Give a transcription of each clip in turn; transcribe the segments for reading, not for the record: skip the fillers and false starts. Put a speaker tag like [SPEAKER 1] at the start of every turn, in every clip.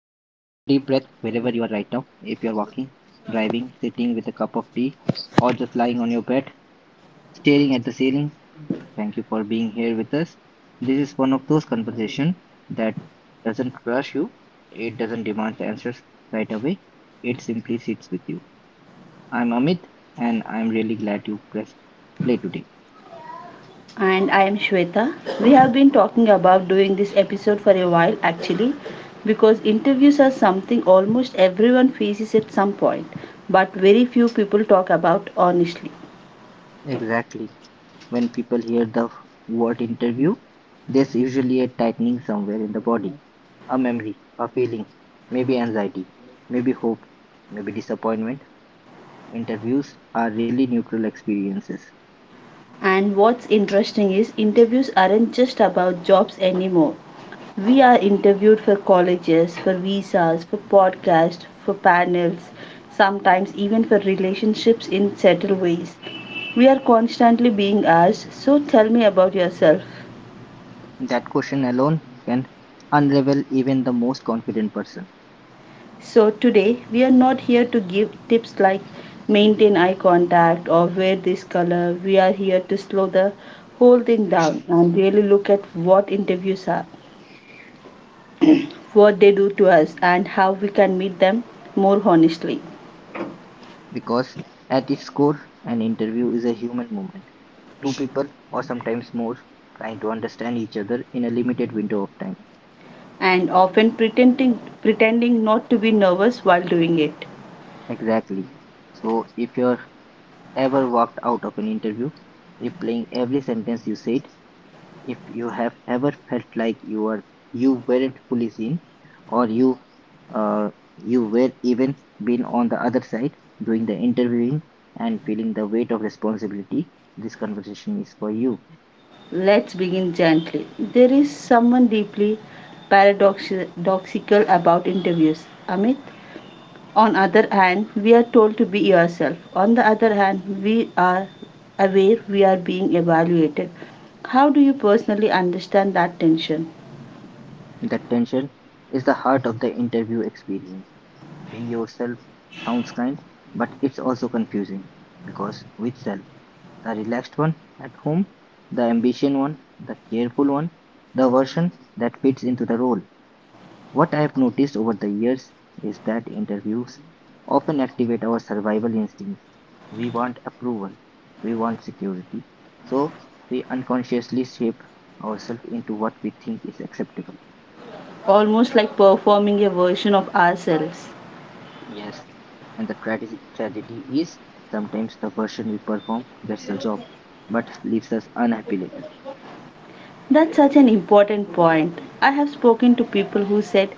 [SPEAKER 1] breath wherever you are right now. If you are walking, driving, sitting with a cup of tea, or just lying on your bed, staring at the ceiling, thank you for being here with us. This is one of those conversations that doesn't rush you, it doesn't demand answers right away, it simply sits with you. I'm Amit, and I'm really glad you pressed play today.
[SPEAKER 2] And I am Shweta. We have been talking about doing this episode for a while, actually, because interviews are something almost everyone faces at some point, but very few people talk about honestly.
[SPEAKER 1] Exactly. When people hear the word interview, there's usually a tightening somewhere in the body, a memory, a feeling, maybe anxiety, maybe hope, maybe disappointment. Interviews are rarely neutral experiences.
[SPEAKER 2] And what's interesting is interviews aren't just about jobs anymore. We are interviewed for colleges, for visas, for podcasts, for panels, sometimes even for relationships in subtle ways. We are constantly being asked, "So tell me about yourself."
[SPEAKER 1] That question alone can unravel even the most confident person,
[SPEAKER 2] So today we are not here to give tips like maintain eye contact or wear this color. We are here to slow the whole thing down and really look at what interviews are, what they do to us, and how we can meet them more honestly.
[SPEAKER 1] because at its core, an interview is a human moment. Two people, or sometimes more, trying to understand each other in a limited window of time.
[SPEAKER 2] And often pretending not to be nervous while doing it.
[SPEAKER 1] Exactly. So, if you're ever walked out of an interview replaying every sentence you said, if you have ever felt like you weren't fully seen, or uh, you were even been on the other side doing the interviewing and feeling the weight of responsibility, this conversation is for you.
[SPEAKER 2] Let's begin gently. There is someone deeply paradoxical about interviews. Amit? On other hand, we are told to be yourself; on the other hand, we are aware we are being evaluated. How do you personally understand that tension?
[SPEAKER 1] The tension is the heart of the interview experience. Be yourself sounds kind, but it's also confusing because which self? The relaxed one at home, the ambition one, the careful one, the version that fits into the role. What I've noticed over the years is that interviews often activate our survival instincts. We want approval, we want security, so we unconsciously shape ourselves into what we think is acceptable.
[SPEAKER 2] Almost like performing a version of ourselves.
[SPEAKER 1] Yes, and the tragedy is sometimes the version we perform gets the job but leaves us unhappy later.
[SPEAKER 2] That's such an important point. I have spoken to people who said,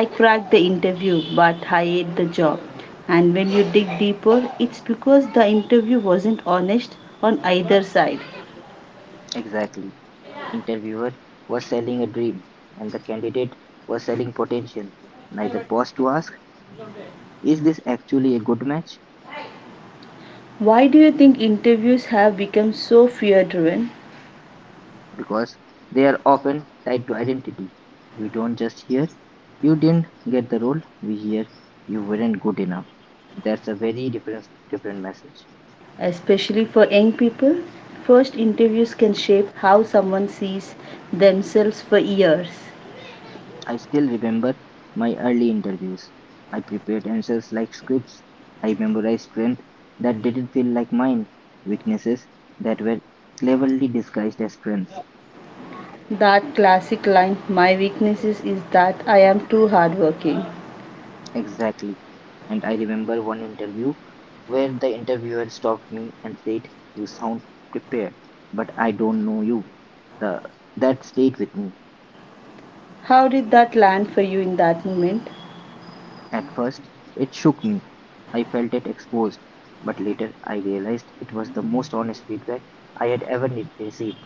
[SPEAKER 2] "I cracked the interview but I hate the job," and when you dig deeper, it's because the interview wasn't honest on either side.
[SPEAKER 1] Exactly. The interviewer was selling a dream and the candidate was selling potential. Neither paused to ask, is this actually a good match?
[SPEAKER 2] Why do you think interviews have become so fear driven,
[SPEAKER 1] Because they are often tied to identity. We don't just hear, you didn't get the role, we hear, you weren't good enough. That's a very different message.
[SPEAKER 2] especially for young people? First interviews can shape how someone sees themselves for years.
[SPEAKER 1] I still remember my early interviews. I prepared answers like scripts. I memorized strengths that didn't feel like mine, weaknesses that were cleverly disguised as strengths.
[SPEAKER 2] That classic line, "My weaknesses is that I am too hardworking."
[SPEAKER 1] Exactly. And I remember one interview where the interviewer stopped me and said, You sound prepared, but I don't know you. The, that stayed with me.
[SPEAKER 2] How did that land for you in that moment?
[SPEAKER 1] At first, it shook me. I felt it exposed. But later, I realized it was the most honest feedback I had ever received.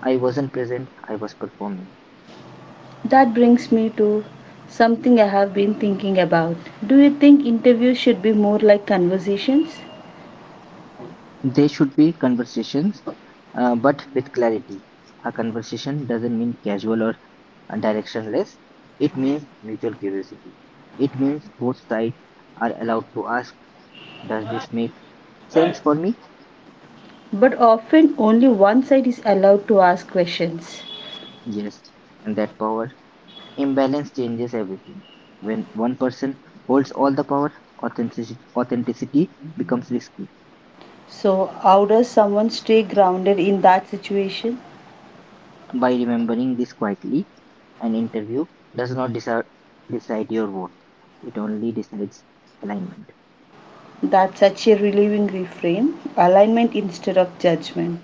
[SPEAKER 1] I wasn't present, I was performing.
[SPEAKER 2] That brings me to something I have been thinking about. Do you think interviews should be more like conversations?
[SPEAKER 1] They should be conversations, but with clarity. A conversation doesn't mean casual or directionless, it means mutual curiosity. It means both sides are allowed to ask, Does this make sense for me?
[SPEAKER 2] But often only one side is allowed to ask questions.
[SPEAKER 1] Yes. And that power Imbalance changes everything. When one person holds all the power, authenticity becomes risky.
[SPEAKER 2] So how does someone stay grounded in that situation?
[SPEAKER 1] By remembering this quietly, an interview does not decide your worth, it only decides alignment.
[SPEAKER 2] That's such a relieving reframe: alignment instead of judgment.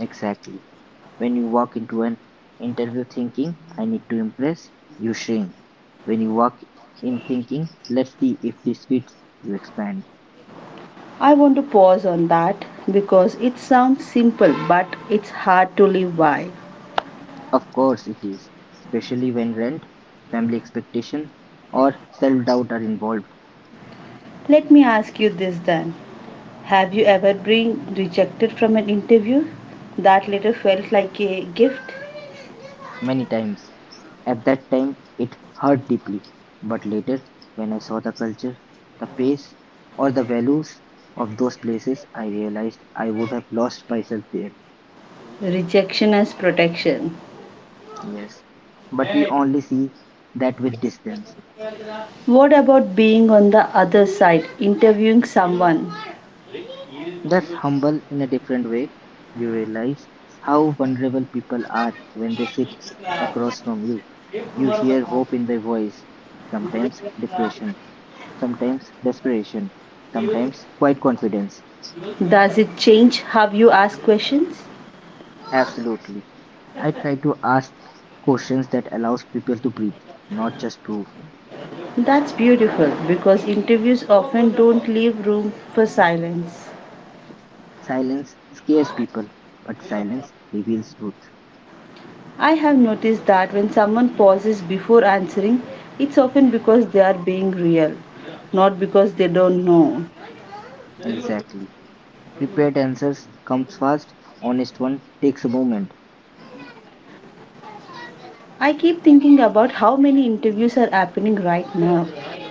[SPEAKER 1] Exactly. When you walk into an interview thinking, I need to impress, you shrink. When you walk in thinking, let's see if this fits, you expand.
[SPEAKER 2] I want to pause on that because it sounds simple but it's hard to live by.
[SPEAKER 1] Of course it is, especially when rent, family expectation, or self doubt are involved
[SPEAKER 2] Let me ask you this, then. Have you ever been rejected from an interview that later felt like a gift?
[SPEAKER 1] many times. At that time, it hurt deeply. But later, when I saw the culture, the pace, or the values of those places, I realized I would have lost myself there.
[SPEAKER 2] Rejection as protection.
[SPEAKER 1] Yes, but we only see that with distance.
[SPEAKER 2] What about being on the other side, interviewing someone?
[SPEAKER 1] That's humble in a different way. You realize how vulnerable people are when they sit across from you. You hear hope in their voice, sometimes depression, sometimes desperation, sometimes quite confidence.
[SPEAKER 2] Does it change how you ask questions?
[SPEAKER 1] Absolutely. I try to ask questions that allows people to breathe, not just proof.
[SPEAKER 2] That's beautiful, because interviews often don't leave room for silence.
[SPEAKER 1] Silence scares people, but silence reveals truth.
[SPEAKER 2] I have noticed that when someone pauses before answering, it's often because they are being real, not because they don't know.
[SPEAKER 1] Exactly. Prepared answers comes fast, honest one takes a moment.
[SPEAKER 2] I keep thinking about how many interviews are happening right now,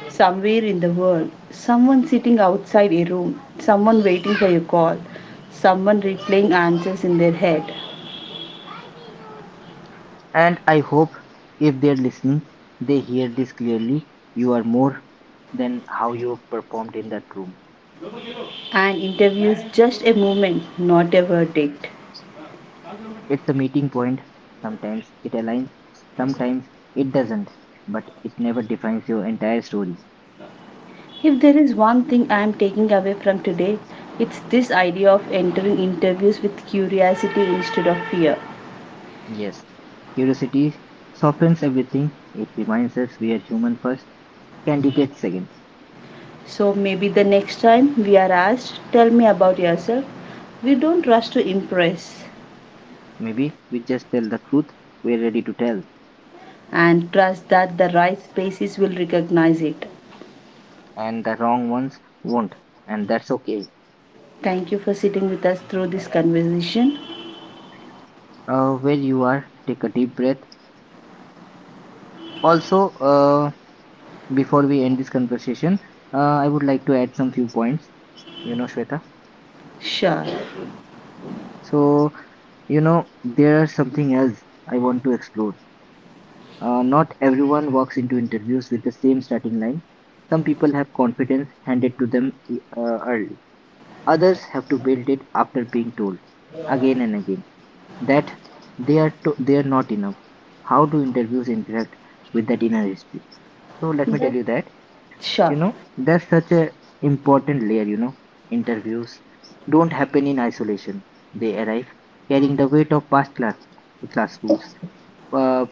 [SPEAKER 2] somewhere in the world. Someone sitting outside a room, someone waiting for a call, someone replaying answers in their head.
[SPEAKER 1] And I hope if they're listening, they hear this clearly. You are more than how you performed in that room.
[SPEAKER 2] An interview is just a moment, not a verdict.
[SPEAKER 1] It's a meeting point. Sometimes it aligns, sometimes it doesn't, but it never defines your entire story.
[SPEAKER 2] If there is one thing I am taking away from today, it's this idea of entering interviews with curiosity instead of fear.
[SPEAKER 1] Yes, curiosity softens everything. It reminds us we are human first, candidate second.
[SPEAKER 2] So maybe the next time we are asked, "Tell me about yourself," we don't rush to impress,
[SPEAKER 1] Maybe we just tell the truth we're ready to tell,
[SPEAKER 2] and trust that the right spaces will recognize it.
[SPEAKER 1] and the wrong ones won't, and that's okay.
[SPEAKER 2] Thank you for sitting with us through this conversation.
[SPEAKER 1] Where you are, take a deep breath also before we end this conversation, I would like to add some few points, you know, Shweta.
[SPEAKER 2] Sure.
[SPEAKER 1] So there's something else I want to explore. Not everyone walks into interviews with the same starting line. Some people have confidence handed to them early, others have to build it after being told again and again that they are not enough. How do interviews interact with that inner history? So let me
[SPEAKER 2] That,
[SPEAKER 1] tell you that.
[SPEAKER 2] sure.
[SPEAKER 1] That's such a important layer, you know. Interviews don't happen in isolation, they arrive carrying the weight of past classrooms, uh,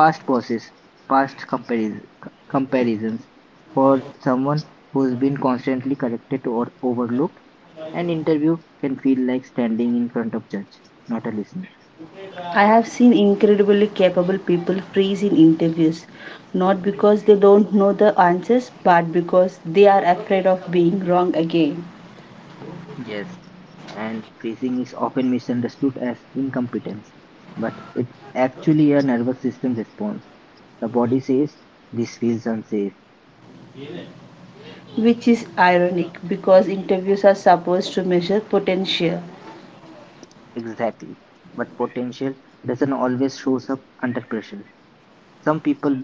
[SPEAKER 1] past bosses, past comparisons. For someone who's been constantly corrected or overlooked, an interview can feel like standing in front of judge, not a listener.
[SPEAKER 2] I have seen incredibly capable people freeze in interviews, not because they don't know the answers, but because they are afraid of being wrong again.
[SPEAKER 1] Yes, and freezing is often misunderstood as incompetence, but it's actually a nervous system response. The body says, This feels unsafe.
[SPEAKER 2] Which is ironic, because interviews are supposed to measure potential.
[SPEAKER 1] Exactly. But potential doesn't always shows up under pressure. Some people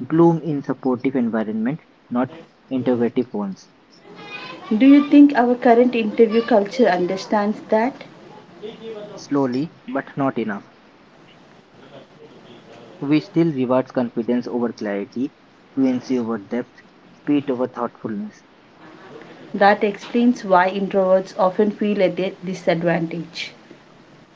[SPEAKER 1] bloom in supportive environment, not integrative ones.
[SPEAKER 2] Do you think our current interview culture understands that?
[SPEAKER 1] Slowly, but not enough. We still reward confidence over clarity, fluency over depth, speed over thoughtfulness.
[SPEAKER 2] That explains why introverts often feel at a disadvantage.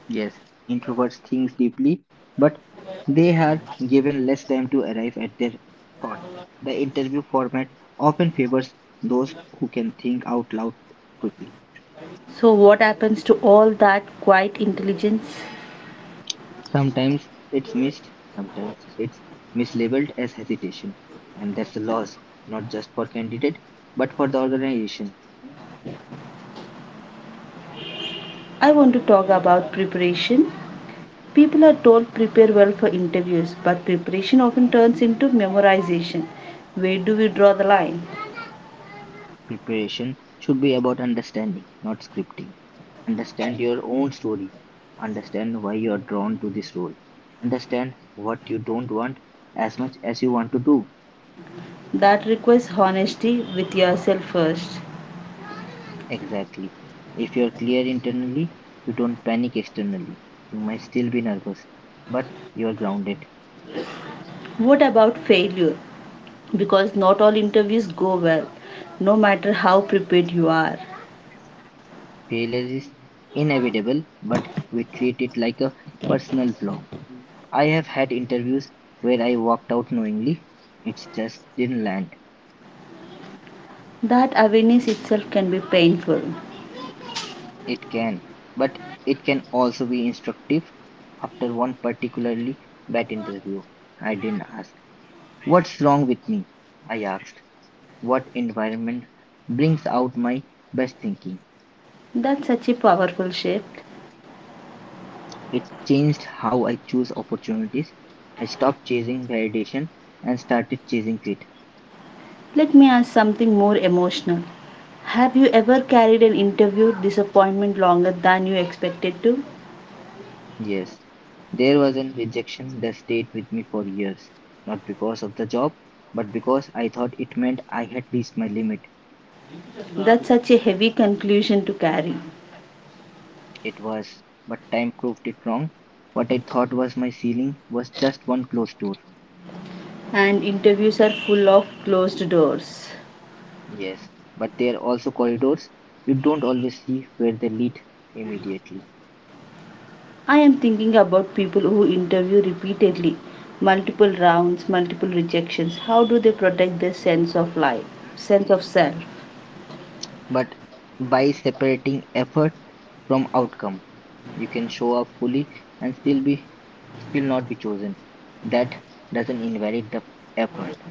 [SPEAKER 1] Yes, introverts think deeply, but they are given less time to arrive at their thought. The interview format often favors those who can think out loud quickly.
[SPEAKER 2] So what happens to all that quiet intelligence?
[SPEAKER 1] Sometimes it's missed, sometimes it's mislabeled as hesitation, and that's a loss, not just for candidate, but for the organization.
[SPEAKER 2] I want to talk about preparation. People are told prepare well for interviews, but preparation often turns into memorization. Where do we draw the line?
[SPEAKER 1] Preparation should be about understanding, not scripting. Understand your own story. Understand why you are drawn to this role. Understand what you don't want as much as you want to do.
[SPEAKER 2] That requires honesty with yourself first.
[SPEAKER 1] Exactly. If you are clear internally, you don't panic externally. You might still be nervous, but you are grounded.
[SPEAKER 2] What about failure? Because not all interviews go well, no matter how prepared you are.
[SPEAKER 1] Failure is inevitable, but we treat it like a personal flaw. I have had interviews where I walked out knowingly, it just didn't land.
[SPEAKER 2] That awareness itself can be painful.
[SPEAKER 1] It can, but it can also be instructive. After one particularly bad interview, I didn't ask, What's wrong with me? I asked, What environment brings out my best thinking?
[SPEAKER 2] That's such a powerful shift.
[SPEAKER 1] It changed how I choose opportunities. I stopped chasing validation and started chasing fit.
[SPEAKER 2] Let me ask something more emotional. Have you ever carried an interview disappointment longer than you expected to?
[SPEAKER 1] Yes, there was a rejection that stayed with me for years, not because of the job, but because I thought it meant I had reached my limit.
[SPEAKER 2] That's such a heavy conclusion to carry.
[SPEAKER 1] It was, but time proved it wrong. What I thought was my ceiling was just one closed door.
[SPEAKER 2] And interviews are full of closed doors.
[SPEAKER 1] Yes, but there are also corridors. You don't always see where they lead immediately.
[SPEAKER 2] I am thinking about people who interview repeatedly, multiple rounds, multiple rejections. How do they protect their sense of life, sense of self?
[SPEAKER 1] But by separating effort from outcome, you can show up fully and still not be chosen. That doesn't invalidate the effort.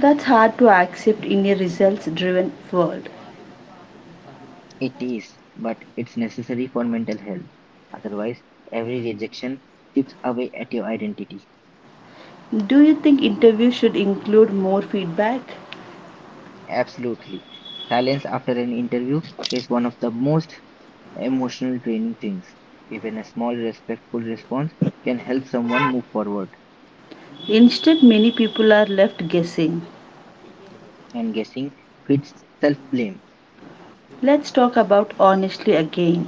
[SPEAKER 2] That's hard to accept in a results driven world.
[SPEAKER 1] It is, but it's necessary for mental health. Otherwise, every rejection chips away at your identity.
[SPEAKER 2] Do you think interviews should include more feedback?
[SPEAKER 1] Absolutely. Silence after an interview is one of the most emotional draining things. Even a small respectful response can help someone move forward.
[SPEAKER 2] Instead, many people are left guessing.
[SPEAKER 1] And guessing fits self-blame,
[SPEAKER 2] Let's talk about honestly again.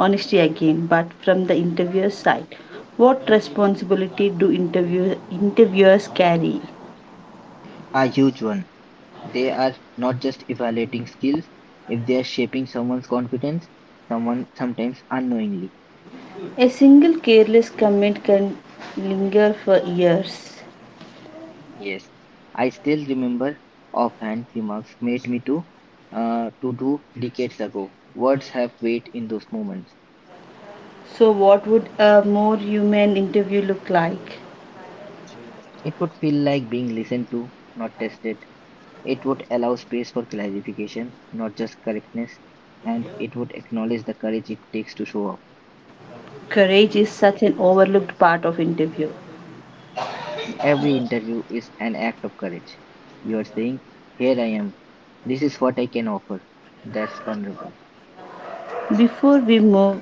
[SPEAKER 2] Honesty again, but from the interviewer's side. What responsibility do interviewers carry?
[SPEAKER 1] a huge one. They are not just evaluating skills, if they are shaping someone's confidence, someone sometimes unknowingly.
[SPEAKER 2] A single careless comment can linger for years.
[SPEAKER 1] Yes, I still remember offhand remarks made me to do decades ago. Words have weight in those moments.
[SPEAKER 2] So what would a more human interview look like?
[SPEAKER 1] It would feel like being listened to, not tested. It would allow space for clarification, not just correctness, and it would acknowledge the courage it takes to show up.
[SPEAKER 2] Courage is such an overlooked part of interview.
[SPEAKER 1] Every interview is an act of courage. You are saying, Here I am. This is what I can offer. That's vulnerable.
[SPEAKER 2] Before we move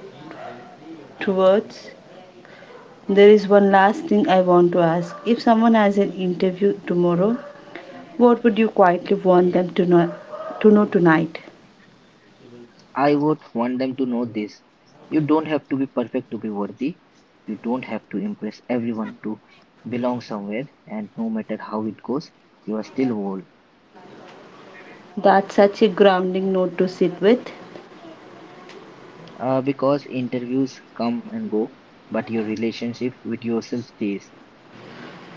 [SPEAKER 2] towards, there is one last thing I want to ask. If someone has an interview tomorrow, what would you quietly want them to know tonight?
[SPEAKER 1] I would want them to know this. You don't have to be perfect to be worthy. You don't have to impress everyone to belong somewhere, and no matter how it goes, you are still whole.
[SPEAKER 2] That's such a grounding note to sit with.
[SPEAKER 1] Because interviews come and go, but your relationship with yourself stays.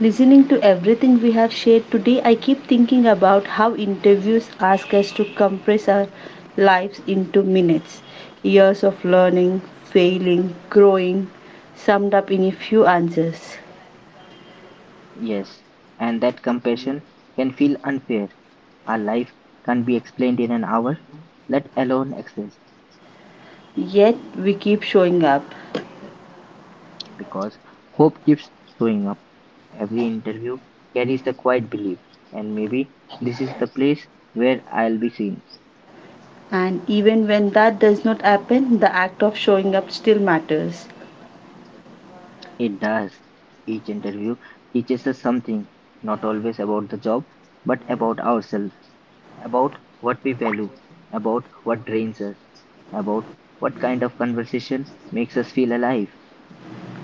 [SPEAKER 2] Listening to everything we have shared today, I keep thinking about how interviews ask us to compress our lives into minutes. Years of learning, failing, growing, summed up in a few answers.
[SPEAKER 1] Yes, and that compassion can feel unfair. Our life can't be explained in an hour, let alone exist,
[SPEAKER 2] Yet we keep showing up.
[SPEAKER 1] because hope keeps showing up. Every interview carries the quiet belief, and maybe this is the place where I'll be seen.
[SPEAKER 2] And even when that does not happen, the act of showing up still matters.
[SPEAKER 1] It does. Each interview teaches us something, not always about the job, but about ourselves. About what we value, about what drains us, about what kind of conversation makes us feel alive.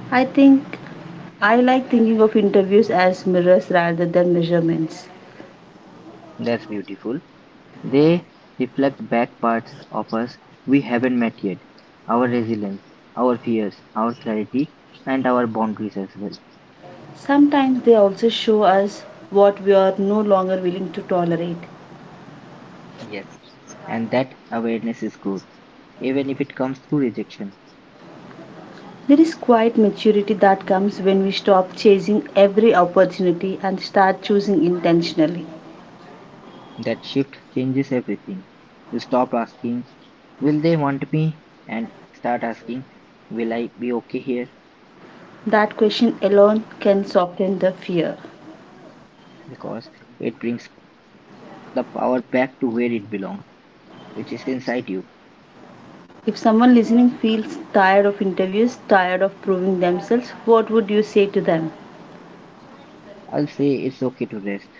[SPEAKER 2] I think I like thinking of interviews as mirrors rather than measurements.
[SPEAKER 1] That's beautiful. They reflect back parts of us we haven't met yet our resilience, our fears, our clarity, and our boundaries as well.
[SPEAKER 2] Sometimes they also show us what we are no longer willing to tolerate.
[SPEAKER 1] Yes, and that awareness is growth. Even if it comes through rejection,
[SPEAKER 2] There is quite maturity that comes when we stop chasing every opportunity and start choosing intentionally.
[SPEAKER 1] that shift changes everything. You stop asking, Will they want me? And start asking, Will I be okay here?
[SPEAKER 2] That question alone can soften the fear.
[SPEAKER 1] Because it brings the power back to where it belongs, which is inside you.
[SPEAKER 2] If someone listening feels tired of interviews, tired of proving themselves, what would you say to them?
[SPEAKER 1] I'll say it's okay to rest.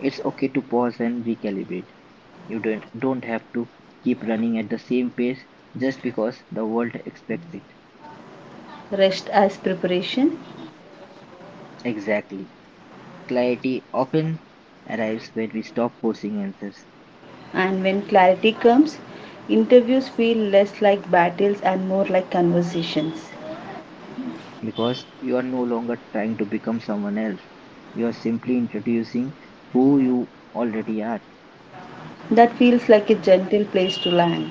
[SPEAKER 1] It's okay to pause and recalibrate. You don't have to keep running at the same pace just because the world expects it.
[SPEAKER 2] Rest as preparation,
[SPEAKER 1] Exactly. Clarity often arrives when we stop forcing answers
[SPEAKER 2] and when clarity comes, interviews feel less like battles and more like conversations.
[SPEAKER 1] because you are no longer trying to become someone else. You are simply introducing who you already are.
[SPEAKER 2] That feels like a gentle place to land.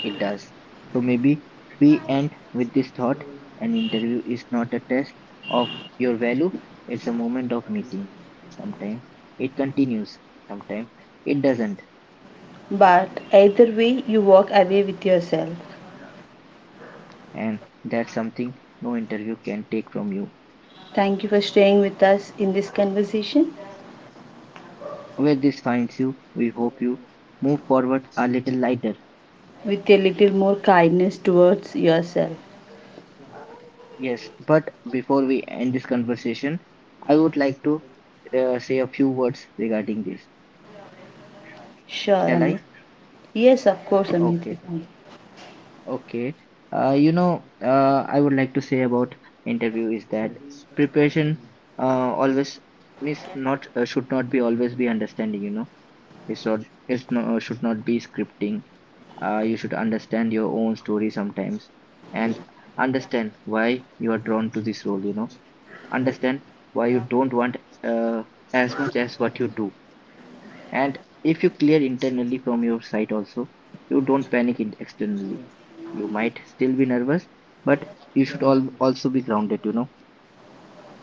[SPEAKER 1] It Yes. does. So maybe we end with this thought an interview is not a test of your value, it's a moment of meeting. Sometimes it continues, sometimes it doesn't,
[SPEAKER 2] But either way, you walk away with yourself.
[SPEAKER 1] and that's something no interview can take from you.
[SPEAKER 2] Thank you for staying with us in this conversation,
[SPEAKER 1] Where this finds you, we hope you move forward a little lighter.
[SPEAKER 2] with a little more kindness towards yourself.
[SPEAKER 1] Yes, but before we end this conversation, I would like to say a few words regarding this.
[SPEAKER 2] Sure,
[SPEAKER 1] Shall
[SPEAKER 2] Amit.
[SPEAKER 1] I?
[SPEAKER 2] Yes, of course, Amit,
[SPEAKER 1] Okay.
[SPEAKER 2] you can.
[SPEAKER 1] Okay. I would like to say about interview is that preparation always means not should not be always be understanding. You know, it's not it's should not be scripting. You should understand your own story sometimes and understand why you are drawn to this role. You know, understand why you don't want uh, as much as what you do, and if you clear internally from your site also, you don't panic it externally. Yeah. You might still be nervous, but you should all also be grounded, you know.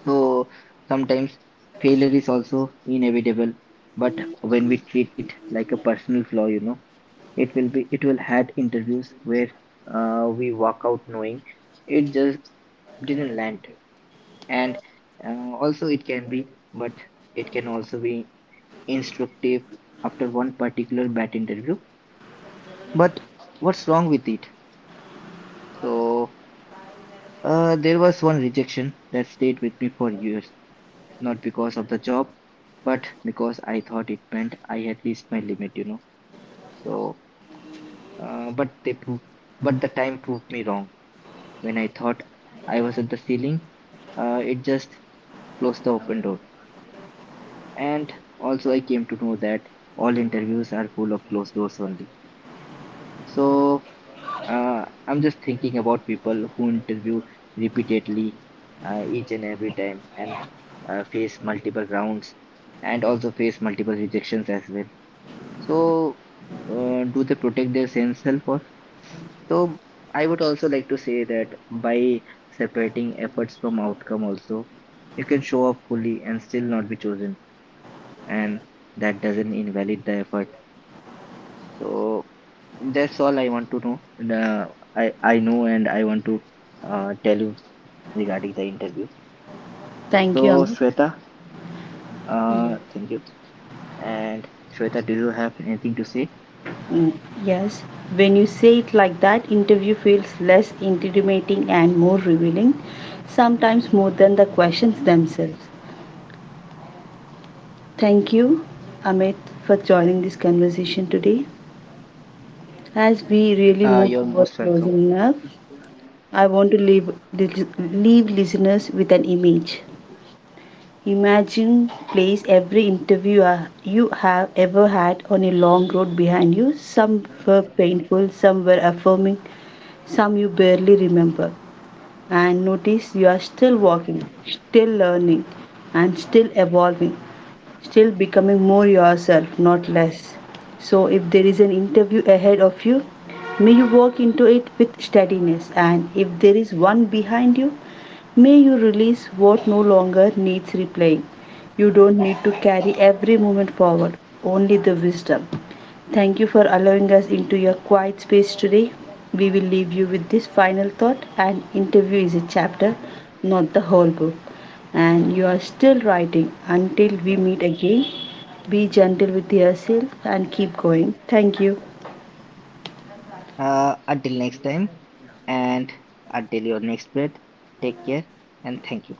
[SPEAKER 1] So sometimes failure is also inevitable, but when we treat it like a personal flaw, you know, it will had interviews where we walk out knowing it just didn't land. And also it can be, but it can also be instructive after one particular bad interview. But what's wrong with it? So, there was one rejection that stayed with me for years, not because of the job, but because I thought it meant I had reached my limit, you know. So, uh, but they proved, but the time proved me wrong. When I thought I was at the ceiling, it just closed the open door. And also, I came to know that all interviews are full of closed doors only. So, I'm just thinking about people who interview repeatedly, each and every time, and face multiple rounds and also face multiple rejections as well. So, do they protect their sense self or? So, I would also like to say that by separating efforts from outcome, also you can show up fully and still not be chosen, and that doesn't invalidate the effort. So that's all I want to know. And, I know, and I want to tell you regarding the interview.
[SPEAKER 2] Thank you,
[SPEAKER 1] So
[SPEAKER 2] Amit.
[SPEAKER 1] Shweta,
[SPEAKER 2] Yes.
[SPEAKER 1] thank you. And Shweta, do you have anything to say?
[SPEAKER 2] Mm, yes, when you say it like that, interview feels less intimidating and more revealing, sometimes more than the questions themselves. Thank you, Amit, for joining this conversation today. As we really move
[SPEAKER 1] You're
[SPEAKER 2] toward
[SPEAKER 1] most welcome.
[SPEAKER 2] closing now, I want to leave listeners with an image. Imagine place every interview you have ever had on a long road behind you. Some were painful, some were affirming, some you barely remember. And notice you are still walking, still learning, and still evolving, still becoming more yourself, not less. So if there is an interview ahead of you, may you walk into it with steadiness, and if there is one behind you, may you release what no longer needs replaying. You don't need to carry every moment forward, only the wisdom. Thank you for allowing us into your quiet space today. We will leave you with this final thought: an interview is a chapter, not the whole book. And you are still writing. Until we meet again, be gentle with yourself and keep going. Thank you.
[SPEAKER 1] Until next time, and until your next breath, take care, and thank you.